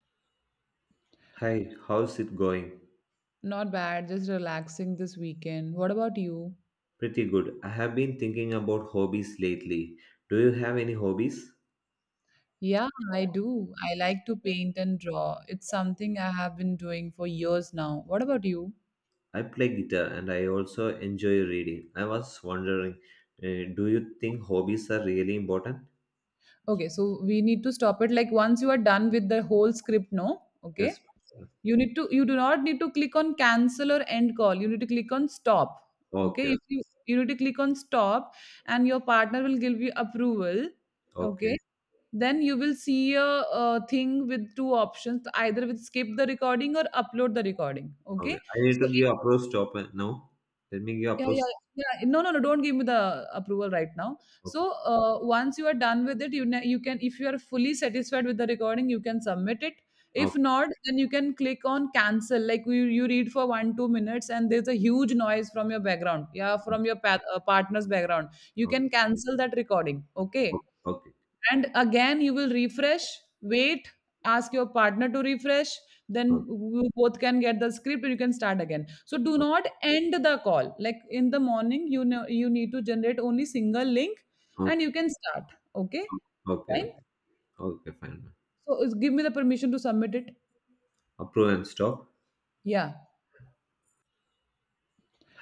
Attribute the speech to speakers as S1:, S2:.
S1: Hi, how's it going?
S2: Not bad, just relaxing this weekend. What about you?
S1: Pretty good. I have been thinking about hobbies lately. Do you have any hobbies?
S2: Yeah, I do. I like to paint and draw. It's something I have been doing for years now. What about you?
S1: I play guitar and I also enjoy reading. I was wondering, do you think hobbies are really important?
S2: Okay, so we need to stop it. Like once you are done with the whole script, no?
S1: Yes.
S2: Okay. You do not need to click on cancel or end call. You need to click on stop. Okay.
S1: Okay,
S2: If you need to click on stop and your partner will give you approval.
S1: okay,
S2: Okay, then you will see a thing with two options, either with skip the recording or upload the recording. Okay,
S1: okay. I need
S2: so
S1: to give approach stop, now. Let me give
S2: yeah
S1: approach.
S2: yeah yeah no, don't give me the approval right now. So
S1: Okay,
S2: once you are done with it you can, if you are fully satisfied with the recording, you can submit it. If
S1: okay,
S2: not, then you can click on cancel. Like you read for 1 2 minutes and there's a huge noise from your background, yeah, from your partner's background. You
S1: okay,
S2: can cancel that recording.
S1: okay,
S2: Okay,
S1: okay, okay,
S2: and again, you will refresh, wait, ask your partner to refresh, then you both can get the script and you can start again. So do not end the call. Like in the morning, you know you need to generate only single link and
S1: okay,
S2: you can start. Okay,
S1: okay,
S2: fine.
S1: okay, okay, fine.
S2: So give me the permission to submit it.
S1: Approve and stop.
S2: Yeah,